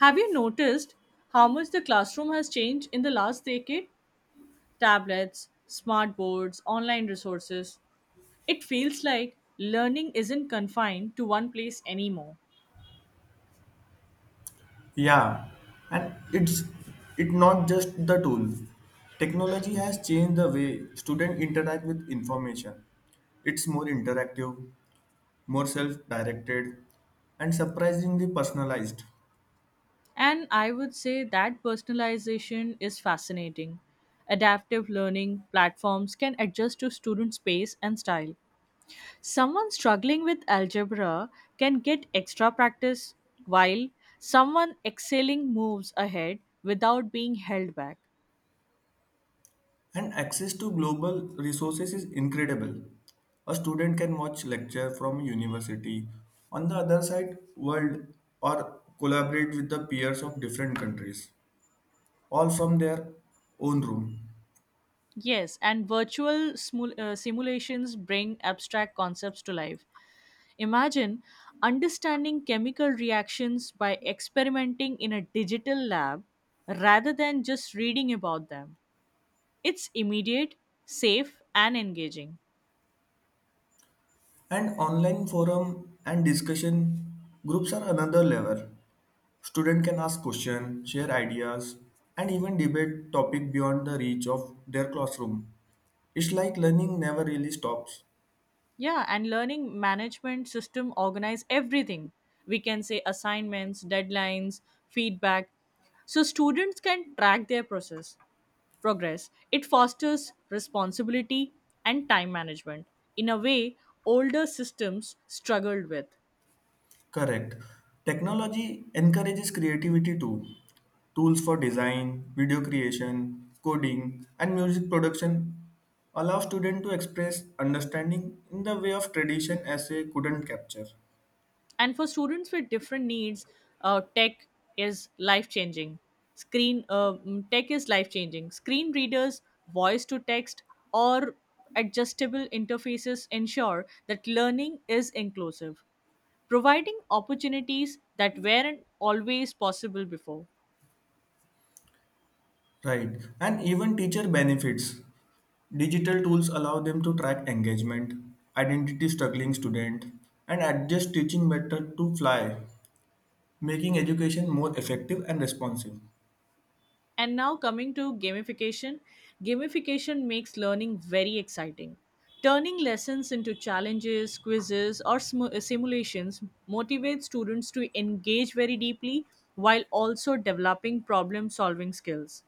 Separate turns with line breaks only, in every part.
Have you noticed how much the classroom has changed in the last decade? Tablets, smart boards, online resources. It feels like learning isn't confined to one place anymore.
Yeah, and it not just the tool. Technology has changed the way students interact with information. It's more interactive, more self-directed, and surprisingly personalized.
And I would say that personalization is fascinating. Adaptive learning platforms can adjust to student pace and style. Someone struggling with algebra can get extra practice while someone excelling moves ahead without being held back.
And access to global resources is incredible. A student can watch lecture from university on the other side world or collaborate with the peers of different countries, all from their own room.
Yes, and virtual simulations bring abstract concepts to life. Imagine understanding chemical reactions by experimenting in a digital lab rather than just reading about them. It's immediate, safe, and engaging.
And online forum and discussion groups are another level. Student can ask questions, share ideas, and even debate topic beyond the reach of their classroom. It's like learning never really stops.
Yeah, and learning management system organize everything. We can say assignments, deadlines, feedback so students can track their process progress. It fosters responsibility and time management in a way older systems struggled with.
Correct. Technology encourages creativity too. Tools for design, video creation, coding, and music production allow students to express understanding in the way of tradition essay couldn't capture.
And for students with different needs, tech is life changing. Screen readers, voice to text, or adjustable interfaces ensure that learning is inclusive, providing opportunities that weren't always possible before.
Right. And even teacher benefits. Digital tools allow them to track engagement, identity struggling student, and adjust teaching method to fly, making education more effective and responsive.
And now coming to gamification, makes learning very exciting. Turning lessons into challenges, quizzes, or simulations motivates students to engage very deeply while also developing problem solving skills.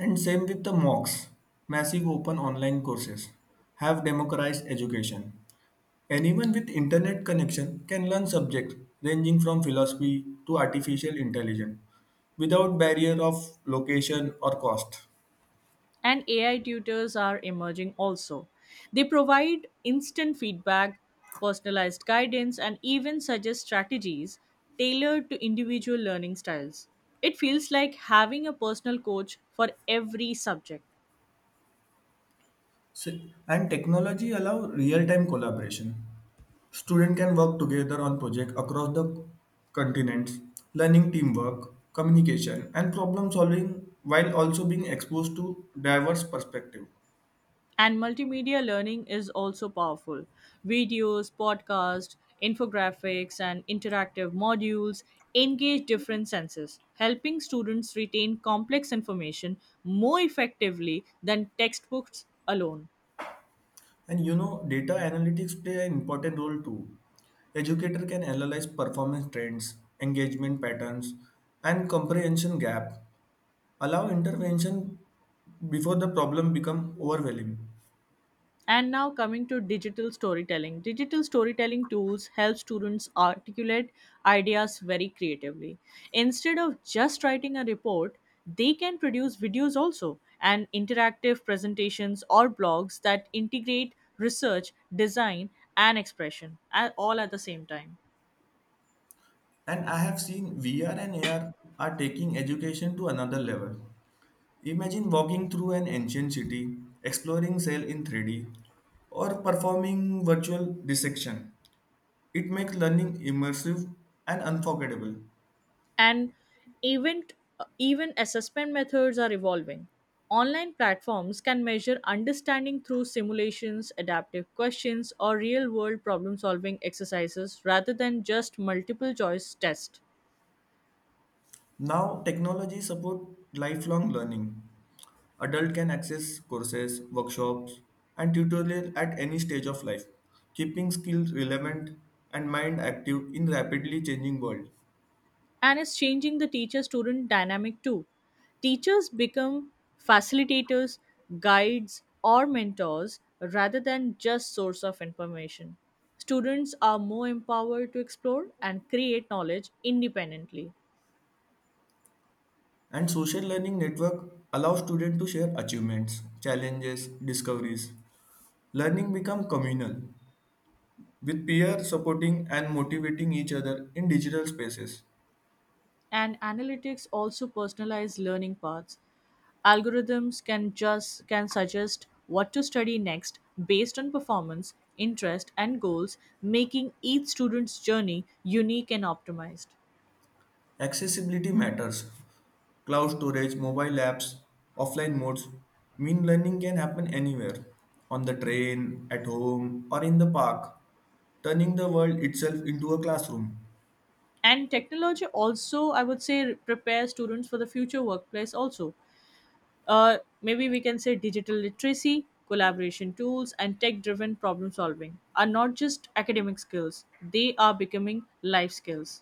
And same with the MOOCs, massive open online courses, have democratized education. Anyone with internet connection can learn subjects ranging from philosophy to artificial intelligence without barrier of location or cost.
And AI tutors are emerging also. They provide instant feedback, personalized guidance, and even suggest strategies tailored to individual learning styles. It feels like having a personal coach for every subject.
S- And technology allow real-time collaboration. Student can work together on project across the continents, learning teamwork, communication, and problem solving while also being exposed to diverse perspective.
And multimedia learning is also powerful. Videos, podcasts, infographics, and interactive modules engage different senses, helping students retain complex information more effectively than textbooks alone.
And you know, data analytics play an important role too. Educator can analyze performance trends, engagement patterns, and comprehension gap, allow intervention before the problem become overwhelming.
And now coming to digital storytelling, tools help students articulate ideas very creatively. Instead of just writing a report, they can produce videos also and interactive presentations or blogs that integrate research, design, and expression at the same time.
And I have seen VR and AR are taking education to another level. Imagine walking through an ancient city, exploring cell in 3D, or performing virtual dissection. It makes learning immersive and unforgettable.
And event even assessment methods are evolving. Online platforms can measure understanding through simulations, adaptive questions, or real world problem solving exercises rather than just multiple choice tests.
Now technology supports lifelong learning. Adult can access courses, workshops, and tutorial at any stage of life, keeping skills relevant and mind active in rapidly changing world.
And it's changing the teacher student dynamic too. Teachers become facilitators, guides, or mentors rather than just source of information. Students are more empowered to explore and create knowledge independently.
And social learning network allows students to share achievements, challenges, discoveries. Learning becomes communal, with peers supporting and motivating each other in digital spaces.
And analytics also personalize learning paths. Algorithms can suggest what to study next based on performance, interest, and goals, making each student's journey unique and optimized.
Accessibility matters. Cloud storage, mobile apps, offline modes mean learning can happen anywhere on the train, at home, or in the park, turning the world itself into a classroom.
And technology also, I would say, prepares students for the future workplace also. Maybe we can say digital literacy, collaboration tools, and tech driven problem solving are not just academic skills, they are becoming life skills.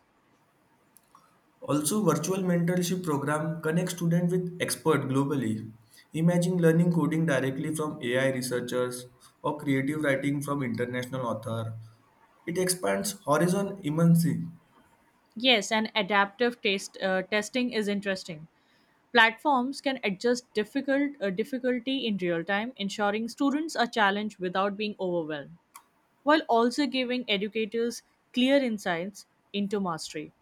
Also, virtual mentorship program connects students with experts globally. Imagine learning coding directly from AI researchers or creative writing from international author. It expands horizon immensely.
Yes, and adaptive taste testing is interesting. Platforms can adjust difficulty in real time, ensuring students are challenged without being overwhelmed, while also giving educators clear insights into mastery.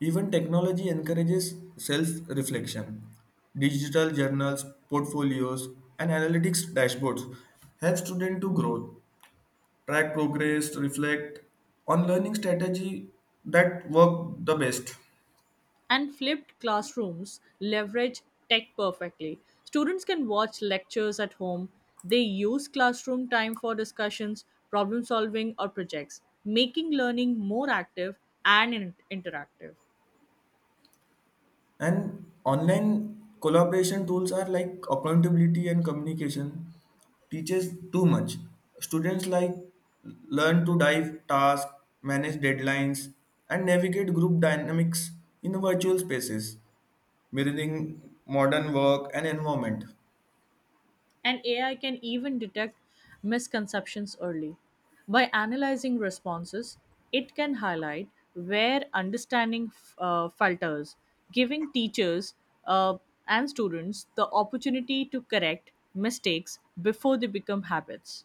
Even technology encourages self-reflection. Digital journals, portfolios, and analytics dashboards help students to grow, track progress, reflect on learning strategy that work the best.
And flipped classrooms leverage tech perfectly. Students can watch lectures at home. They use classroom time for discussions, problem solving, or projects, making learning more active and interactive.
And online collaboration tools are like accountability and communication teaches too much. Students like learn to dive tasks, manage deadlines, and navigate group dynamics in virtual spaces, mirroring modern work and environment.
And AI can even detect misconceptions early. By analyzing responses, it can highlight where understanding falters, giving teachers uh, and students the opportunity to correct mistakes before they become habits.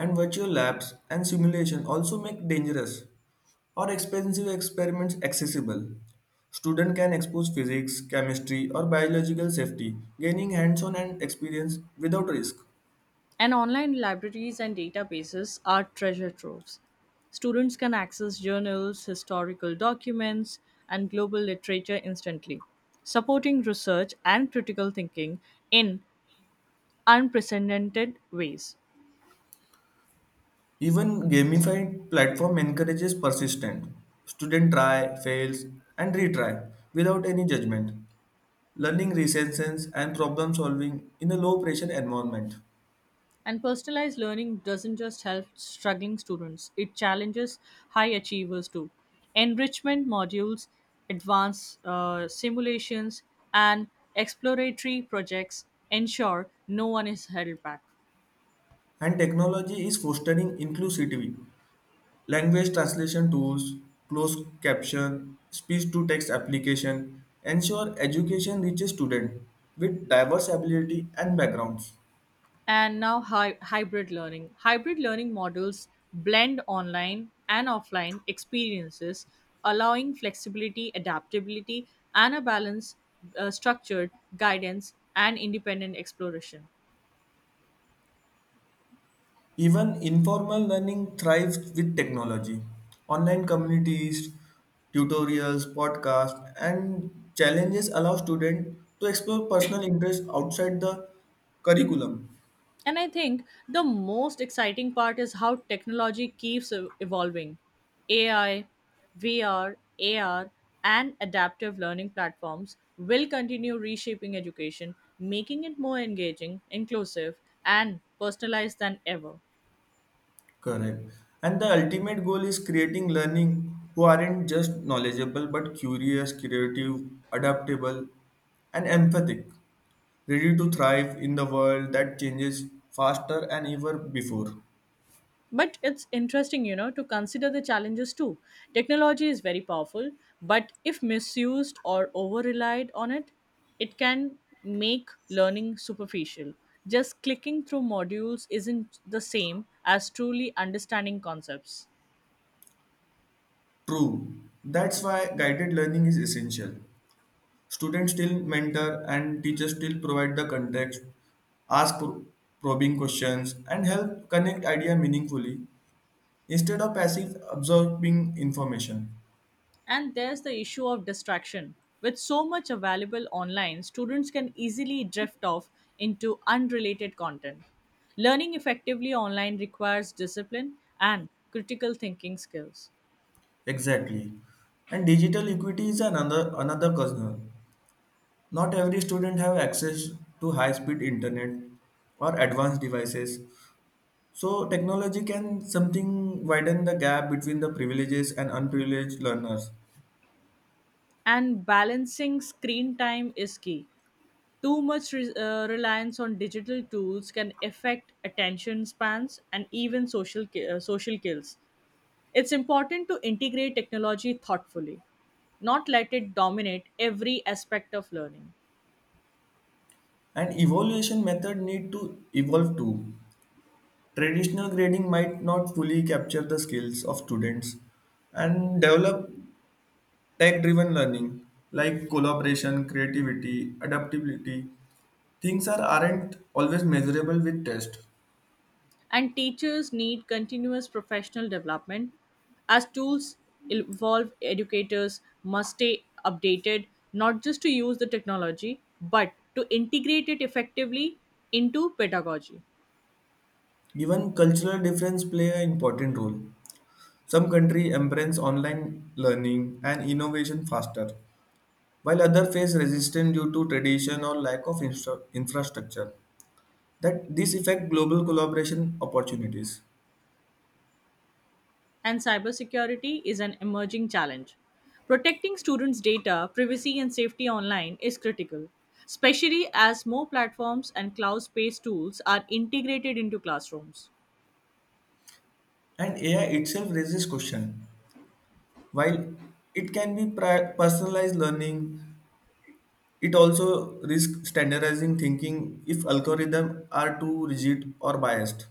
And virtual labs and simulation also make dangerous or expensive experiments accessible. Student can expose physics, chemistry or biological safety, gaining hands-on and experience without risk.
And online libraries and databases are treasure troves. Students can access journals, historical documents, and global literature instantly, supporting research and critical thinking in unprecedented ways.
Even gamified platform encourages persistence. Student try, fails and retry without any judgment. Learning resistance and problem solving in a low pressure environment.
And personalized learning doesn't just help struggling students, it challenges high achievers too. Enrichment modules, advanced simulations, and exploratory projects ensure no one is held back.
And technology is fostering inclusivity. Language translation tools, closed caption, speech to text application ensure education reaches students with diverse ability and backgrounds.
And now hybrid learning models blend online and offline experiences, allowing flexibility, adaptability, and a balance structured guidance and independent exploration.
Even informal learning thrives with technology. Online communities, tutorials, podcasts, and challenges allow students to explore personal interests outside the curriculum.
And I think the most exciting part is how technology keeps evolving. AI, VR, AR, and adaptive learning platforms will continue reshaping education, making it more engaging, inclusive, and personalized than ever.
Correct. And the ultimate goal is creating learning who aren't just knowledgeable but curious, creative, adaptable, and empathic, ready to thrive in the world that changes faster and ever before.
But it's interesting, you know, to consider the challenges too. Technology is very powerful, but if misused or over relied on, it can make learning superficial. Just clicking through modules isn't the same as truly understanding concepts.
True. That's why guided learning is essential. Students still mentor and teachers still provide the context, ask probing questions, and help connect idea meaningfully instead of passive absorbing information.
And there's the issue of distraction. With so much available online, students can easily drift off into unrelated content. Learning effectively online requires discipline and critical thinking skills.
Exactly. And digital equity is another concern. Not every student have access to high-speed internet or advanced devices. So technology can something widen the gap between the privileges and unprivileged learners.
And balancing screen time is key. Too much reliance on digital tools can affect attention spans and even social skills. It's important to integrate technology thoughtfully, not let it dominate every aspect of learning.
And evaluation method need to evolve too. Traditional grading might not fully capture the skills of students and develop tech driven learning, like collaboration, creativity, adaptability, things are, aren't always measurable with tests.
And teachers need continuous professional development. As tools evolve, educators must stay updated, not just to use the technology, but to integrate it effectively into pedagogy.
Even cultural difference play an important role. Some countries embrace online learning and innovation faster, while others face resistance due to tradition or lack of infrastructure. That this affect global collaboration opportunities.
And cybersecurity is an emerging challenge. Protecting students' data, privacy, and safety online is critical, especially as more platforms and cloud based tools are integrated into classrooms.
And AI itself raises question. While it can be personalized learning, it also risks standardizing thinking if algorithms are too rigid or biased.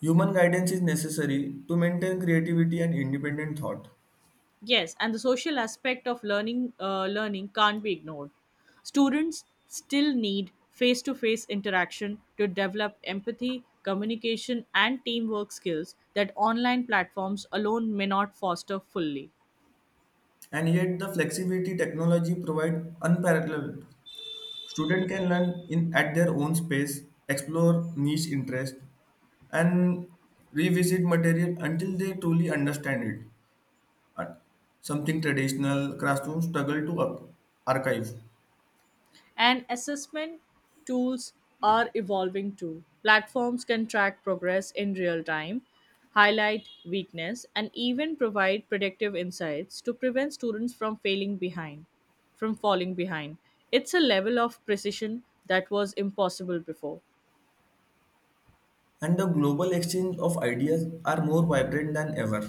Human guidance is necessary to maintain creativity and independent thought.
Yes, and the social aspect of learning can't be ignored. Students still need face-to-face interaction to develop empathy, communication, and teamwork skills that online platforms alone may not foster fully.
And yet the flexibility technology provides unparalleled. Students can learn in at their own space, explore niche interests, and revisit material until they truly understand it. Uh, Something traditional classrooms struggle to archive.
And assessment tools are evolving too. Platforms can track progress in real time, highlight weakness, and even provide predictive insights to prevent students from from falling behind. It's a level of precision that was impossible before.
And the global exchange of ideas are more vibrant than ever.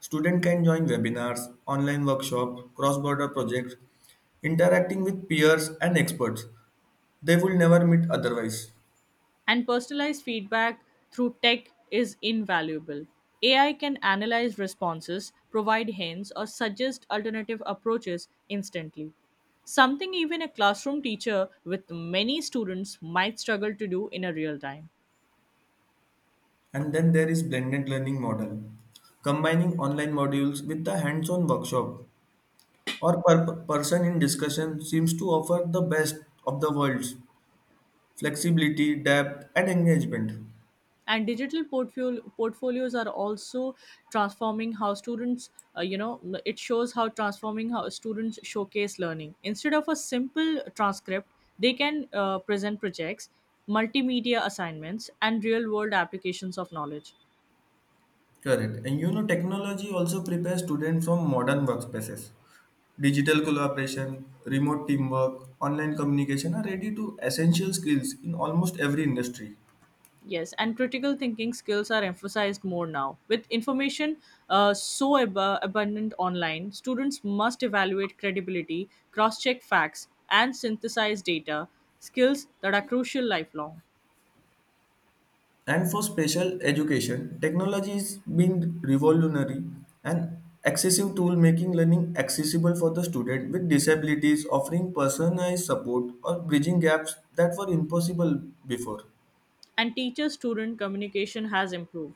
Students can join webinars, online workshops, cross border projects, interacting with peers and experts they will never meet otherwise.
And personalized feedback through tech is invaluable. AI can analyze responses, provide hints, or suggest alternative approaches instantly. Something even a classroom teacher with many students might struggle to do in a real time.
And then there is blended learning model, combining online modules with the hands-on workshop or per person in discussion seems to offer the best of the worlds, flexibility, depth, and engagement.
And digital portfolios are also transforming how students, uh, you know it shows how, transforming how students showcase learning. Instead of a simple transcript, they can present projects, multimedia assignments, and real world applications of knowledge.
Correct. And you know, technology also prepares students from modern workspaces. Digital collaboration, remote teamwork, online communication are ready to essential skills in almost every industry.
Yes, and critical thinking skills are emphasized more now. With information so abundant online, students must evaluate credibility, cross check facts, and synthesize data, skills that are crucial lifelong.
And for special education, technology is being revolutionary and excessive tool making learning accessible for the student with disabilities, offering personalized support or bridging gaps that were impossible before.
And teacher student communication has improved.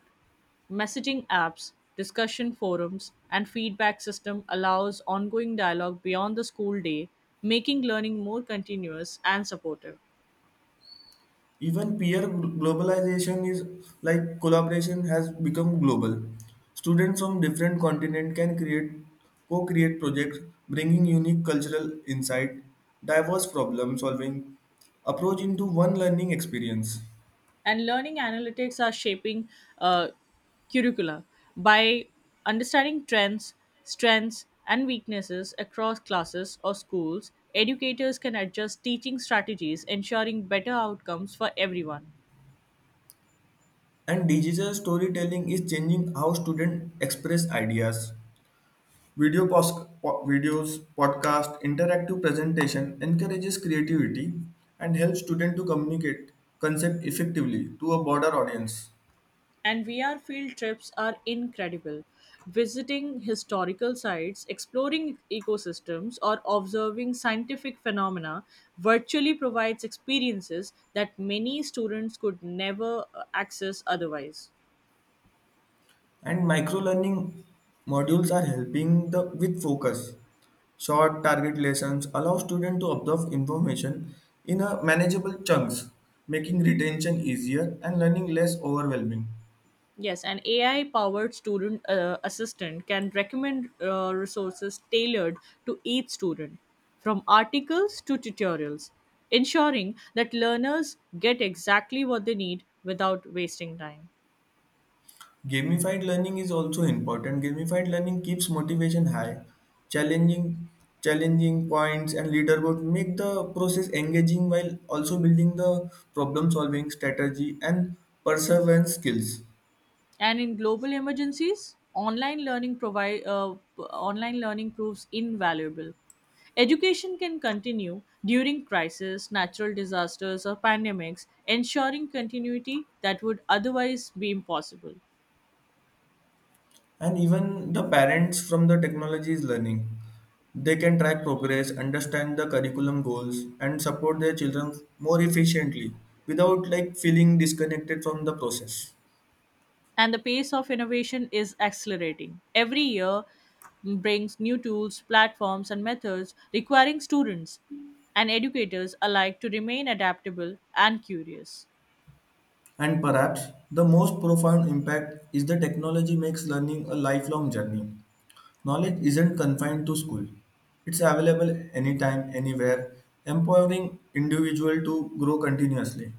Messaging apps, discussion forums, and feedback system allows ongoing dialogue beyond the school day, making learning more continuous and supportive.
Even peer globalization is like collaboration has become global. Students from different continents can create co-create projects bringing unique cultural insight, diverse problem solving approach into one learning experience.
And learning analytics are shaping, uh, curricula, by understanding trends, strengths, and weaknesses across classes or schools. Educators can adjust teaching strategies, ensuring better outcomes for everyone.
And digital storytelling is changing how students express ideas. Video pos- Videos, podcast, interactive presentation encourages creativity and helps students to communicate concept effectively to a broader audience.
And VR field trips are incredible. Visiting historical sites, exploring ecosystems, or observing scientific phenomena virtually provides experiences that many students could never access otherwise.
And micro learning modules are helping the with focus. Short target lessons allow students to absorb information in a manageable chunks, making retention easier and learning less overwhelming.
Yes, an AI powered student assistant can recommend resources tailored to each student, from articles to tutorials, ensuring that learners get exactly what they need without wasting time.
Gamified learning is also important. Gamified learning keeps motivation high. Challenging challenging points and leaderboard make the process engaging while also building the problem solving strategy and perseverance skills.
And in global emergencies, online learning proves invaluable. Education can continue during crisis, natural disasters, or pandemics, ensuring continuity that would otherwise be impossible.
And even the parents from the technology is learning. They can track progress, understand the curriculum goals, and support their children more efficiently without like feeling disconnected from the process.
And the pace of innovation is accelerating. Every year brings new tools, platforms, and methods, requiring students and educators alike to remain adaptable and curious.
And perhaps the most profound impact is the technology makes learning a lifelong journey. Knowledge isn't confined to school. It's available anytime, anywhere, empowering individual to grow continuously.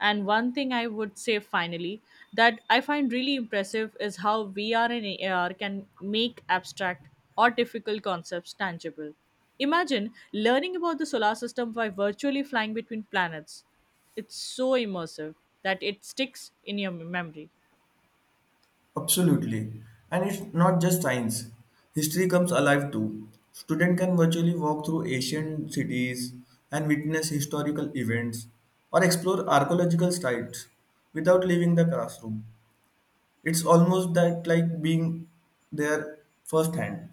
And one thing I would say finally that I find really impressive is how VR and AR can make abstract or difficult concepts tangible. Imagine learning about the solar system by virtually flying between planets. It's so immersive that it sticks in your memory.
Absolutely. And it's not just science. History comes alive too. Student can virtually walk through ancient cities and witness historical events or explore archaeological sites without leaving the classroom. It's almost that like being there firsthand.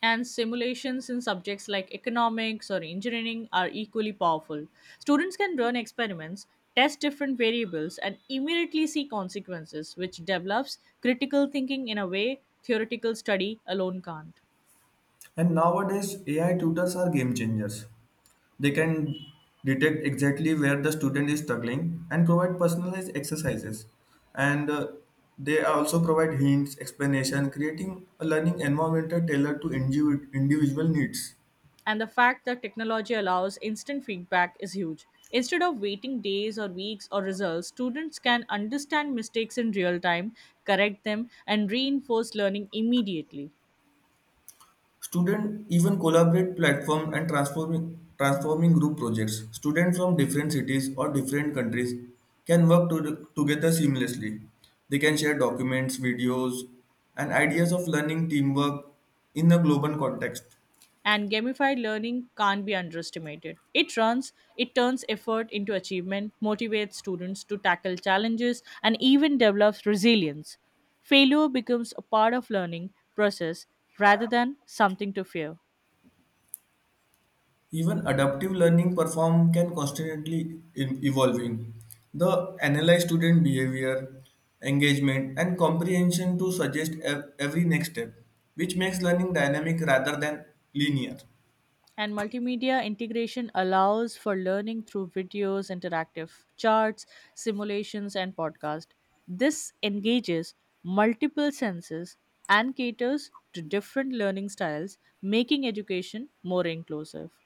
And simulations in subjects like economics or engineering are equally powerful. Students can run experiments, test different variables, and immediately see consequences, which develops critical thinking in a way theoretical study alone can't.
And nowadays AI tutors are game changers. They can detect exactly where the student is struggling and provide personalized exercises, and they also provide hints explanation creating a learning environment tailored to individual needs.
And the fact that technology allows instant feedback is huge. Instead of waiting days or weeks or results, students can understand mistakes in real time, correct them, and reinforce learning immediately.
Students even collaborate platform and transforming group projects. Students from different cities or different countries can work to, together seamlessly. They can share documents, videos, and ideas of learning teamwork in a global context.
And gamified learning can't be underestimated. It turns effort into achievement, motivates students to tackle challenges, and even develops resilience. Failure becomes a part of learning process rather than something to fear.
Even adaptive learning perform can constantly evolving. The analyze student behavior, engagement, and comprehension to suggest every next step, which makes learning dynamic rather than linear.
And multimedia integration allows for learning through videos, interactive charts, simulations, and podcasts. This engages multiple senses and caters to different learning styles, making education more inclusive.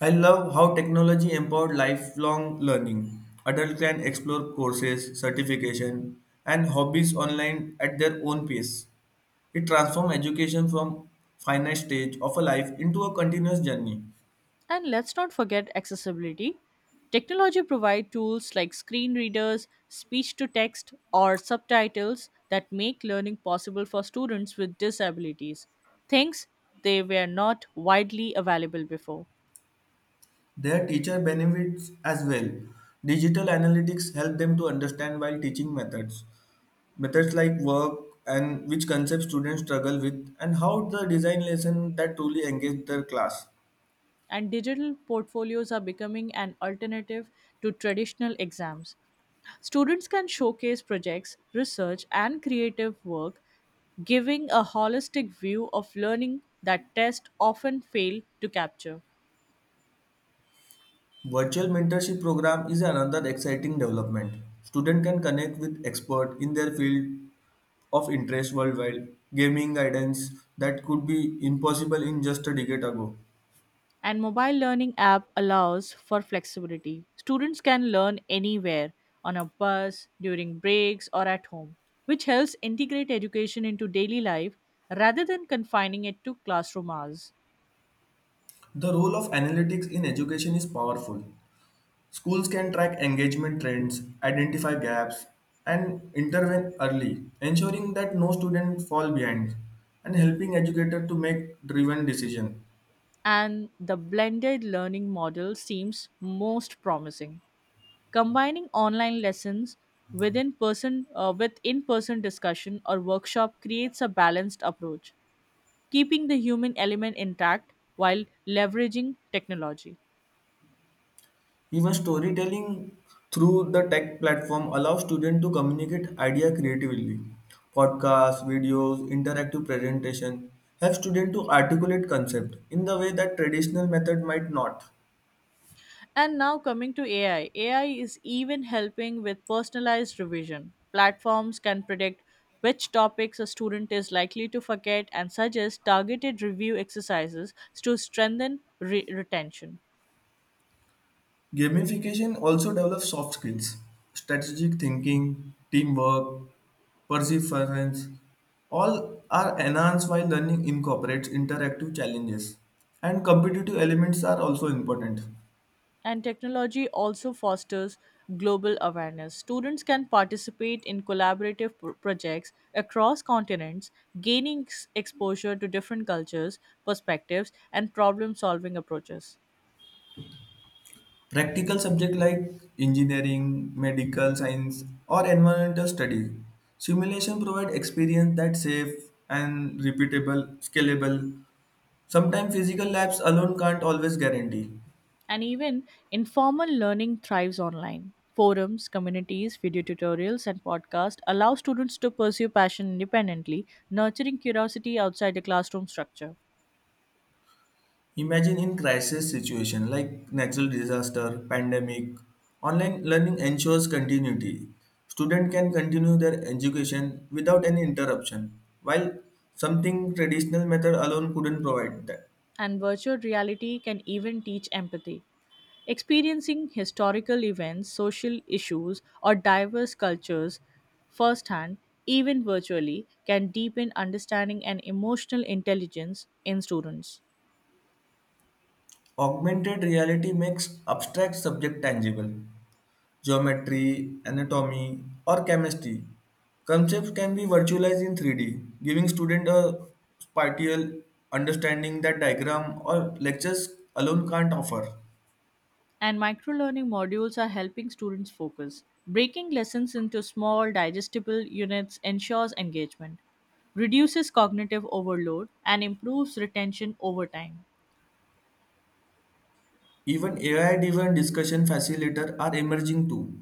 I love how technology empowered lifelong learning. Adults can explore courses, certification, and hobbies online at their own pace. It transforms education from finite stage of a life into a continuous journey.
And let's not forget accessibility. Technology provides tools like screen readers, speech to text, or subtitles that make learning possible for students with disabilities, things they were not widely available before.
Their teacher benefits as well. Digital analytics help them to understand while teaching methods. Methods like work and which concepts students struggle with and how the design lesson that truly engage their class.
And digital portfolios are becoming an alternative to traditional exams. Students can showcase projects, research, and creative work, giving a holistic view of learning that tests often fail to capture.
Virtual mentorship program is another exciting development. Students can connect with experts in their field of interest worldwide, giving guidance that could be impossible in just a decade ago.
And mobile learning app allows for flexibility. Students can learn anywhere, on a bus, during breaks, or at home, which helps integrate education into daily life rather than confining it to classroom hours.
The role of analytics in education is powerful. Schools can track engagement trends, identify gaps, and intervene early, ensuring that no student fall behind and helping educators to make driven decisions.
And the blended learning model seems most promising. Combining online lessons with in-person discussion or workshop creates a balanced approach, keeping the human element intact while leveraging technology.
Even storytelling through the tech platform allows students to communicate ideas creatively. Podcasts, videos, interactive presentation help students to articulate concept in the way that traditional method might not.
And now coming to AI, AI is even helping with personalized revision. Platforms can predict which topics a student is likely to forget and suggest targeted review exercises to strengthen retention.
Gamification also develops soft skills, strategic thinking, teamwork, perseverance. All are enhanced while learning incorporates interactive challenges. And competitive elements are also important.
And technology also fosters global awareness. Students can participate in collaborative projects across continents, gaining exposure to different cultures, perspectives, and problem solving approaches.
Practical subjects like engineering, medical science, or environmental studies. Simulation provide experience that's safe and repeatable, scalable. Sometimes physical labs alone can't always guarantee.
And even informal learning thrives online. Forums, communities, video tutorials, and podcasts allow students to pursue passion independently, nurturing curiosity outside the classroom structure.
Imagine in crisis situation like natural disaster, pandemic, online learning ensures continuity. Student can continue their education without any interruption, while something traditional method alone couldn't provide that.
And virtual reality can even teach empathy. Experiencing historical events, social issues, or diverse cultures firsthand, even virtually, can deepen understanding and emotional intelligence in students.
Augmented reality makes abstract subject tangible. Geometry, anatomy, or chemistry. Concepts can be virtualized in 3D, giving students a spatial understanding that diagram or lectures alone can't offer.
And microlearning modules are helping students focus. Breaking lessons into small, digestible units ensures engagement, reduces cognitive overload, and improves retention over time.
Even AI-driven discussion facilitator are emerging too.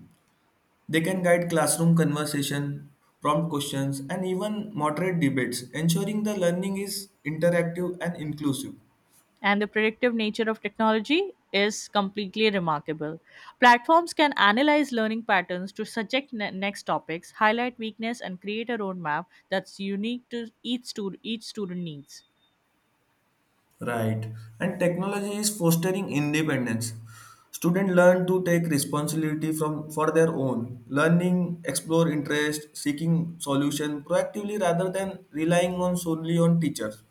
They can guide classroom conversation, prompt questions, and even moderate debates, ensuring the learning is interactive and inclusive.
And the predictive nature of technology is completely remarkable. Platforms can analyze learning patterns to suggest next topics, highlight weakness, and create a roadmap that's unique to each student needs.
Right. And technology is fostering independence. Students learn to take responsibility from for their own learning, explore interest, seeking solution proactively rather than relying on solely on teachers.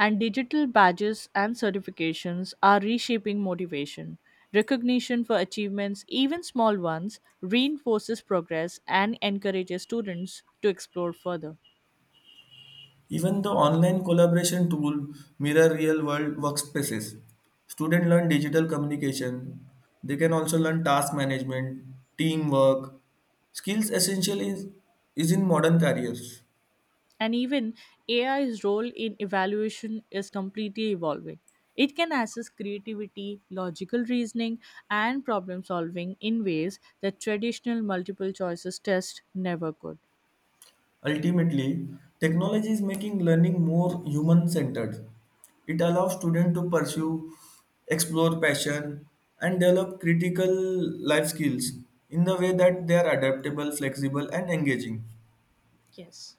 And digital badges and certifications are reshaping motivation. Recognition for achievements, even small ones, reinforces progress and encourages students to explore further.
Even the online collaboration tool mirror real world workspaces. Students learn digital communication. They can also learn task management, teamwork, skills essential is in modern careers.
And even AI's role in evaluation is completely evolving. It can assess creativity, logical reasoning, and problem solving in ways that traditional multiple choices tests never could.
Ultimately, technology is making learning more human centered. It allows students to pursue, explore passion, and develop critical life skills in the way that they are adaptable, flexible, and engaging.
Yes.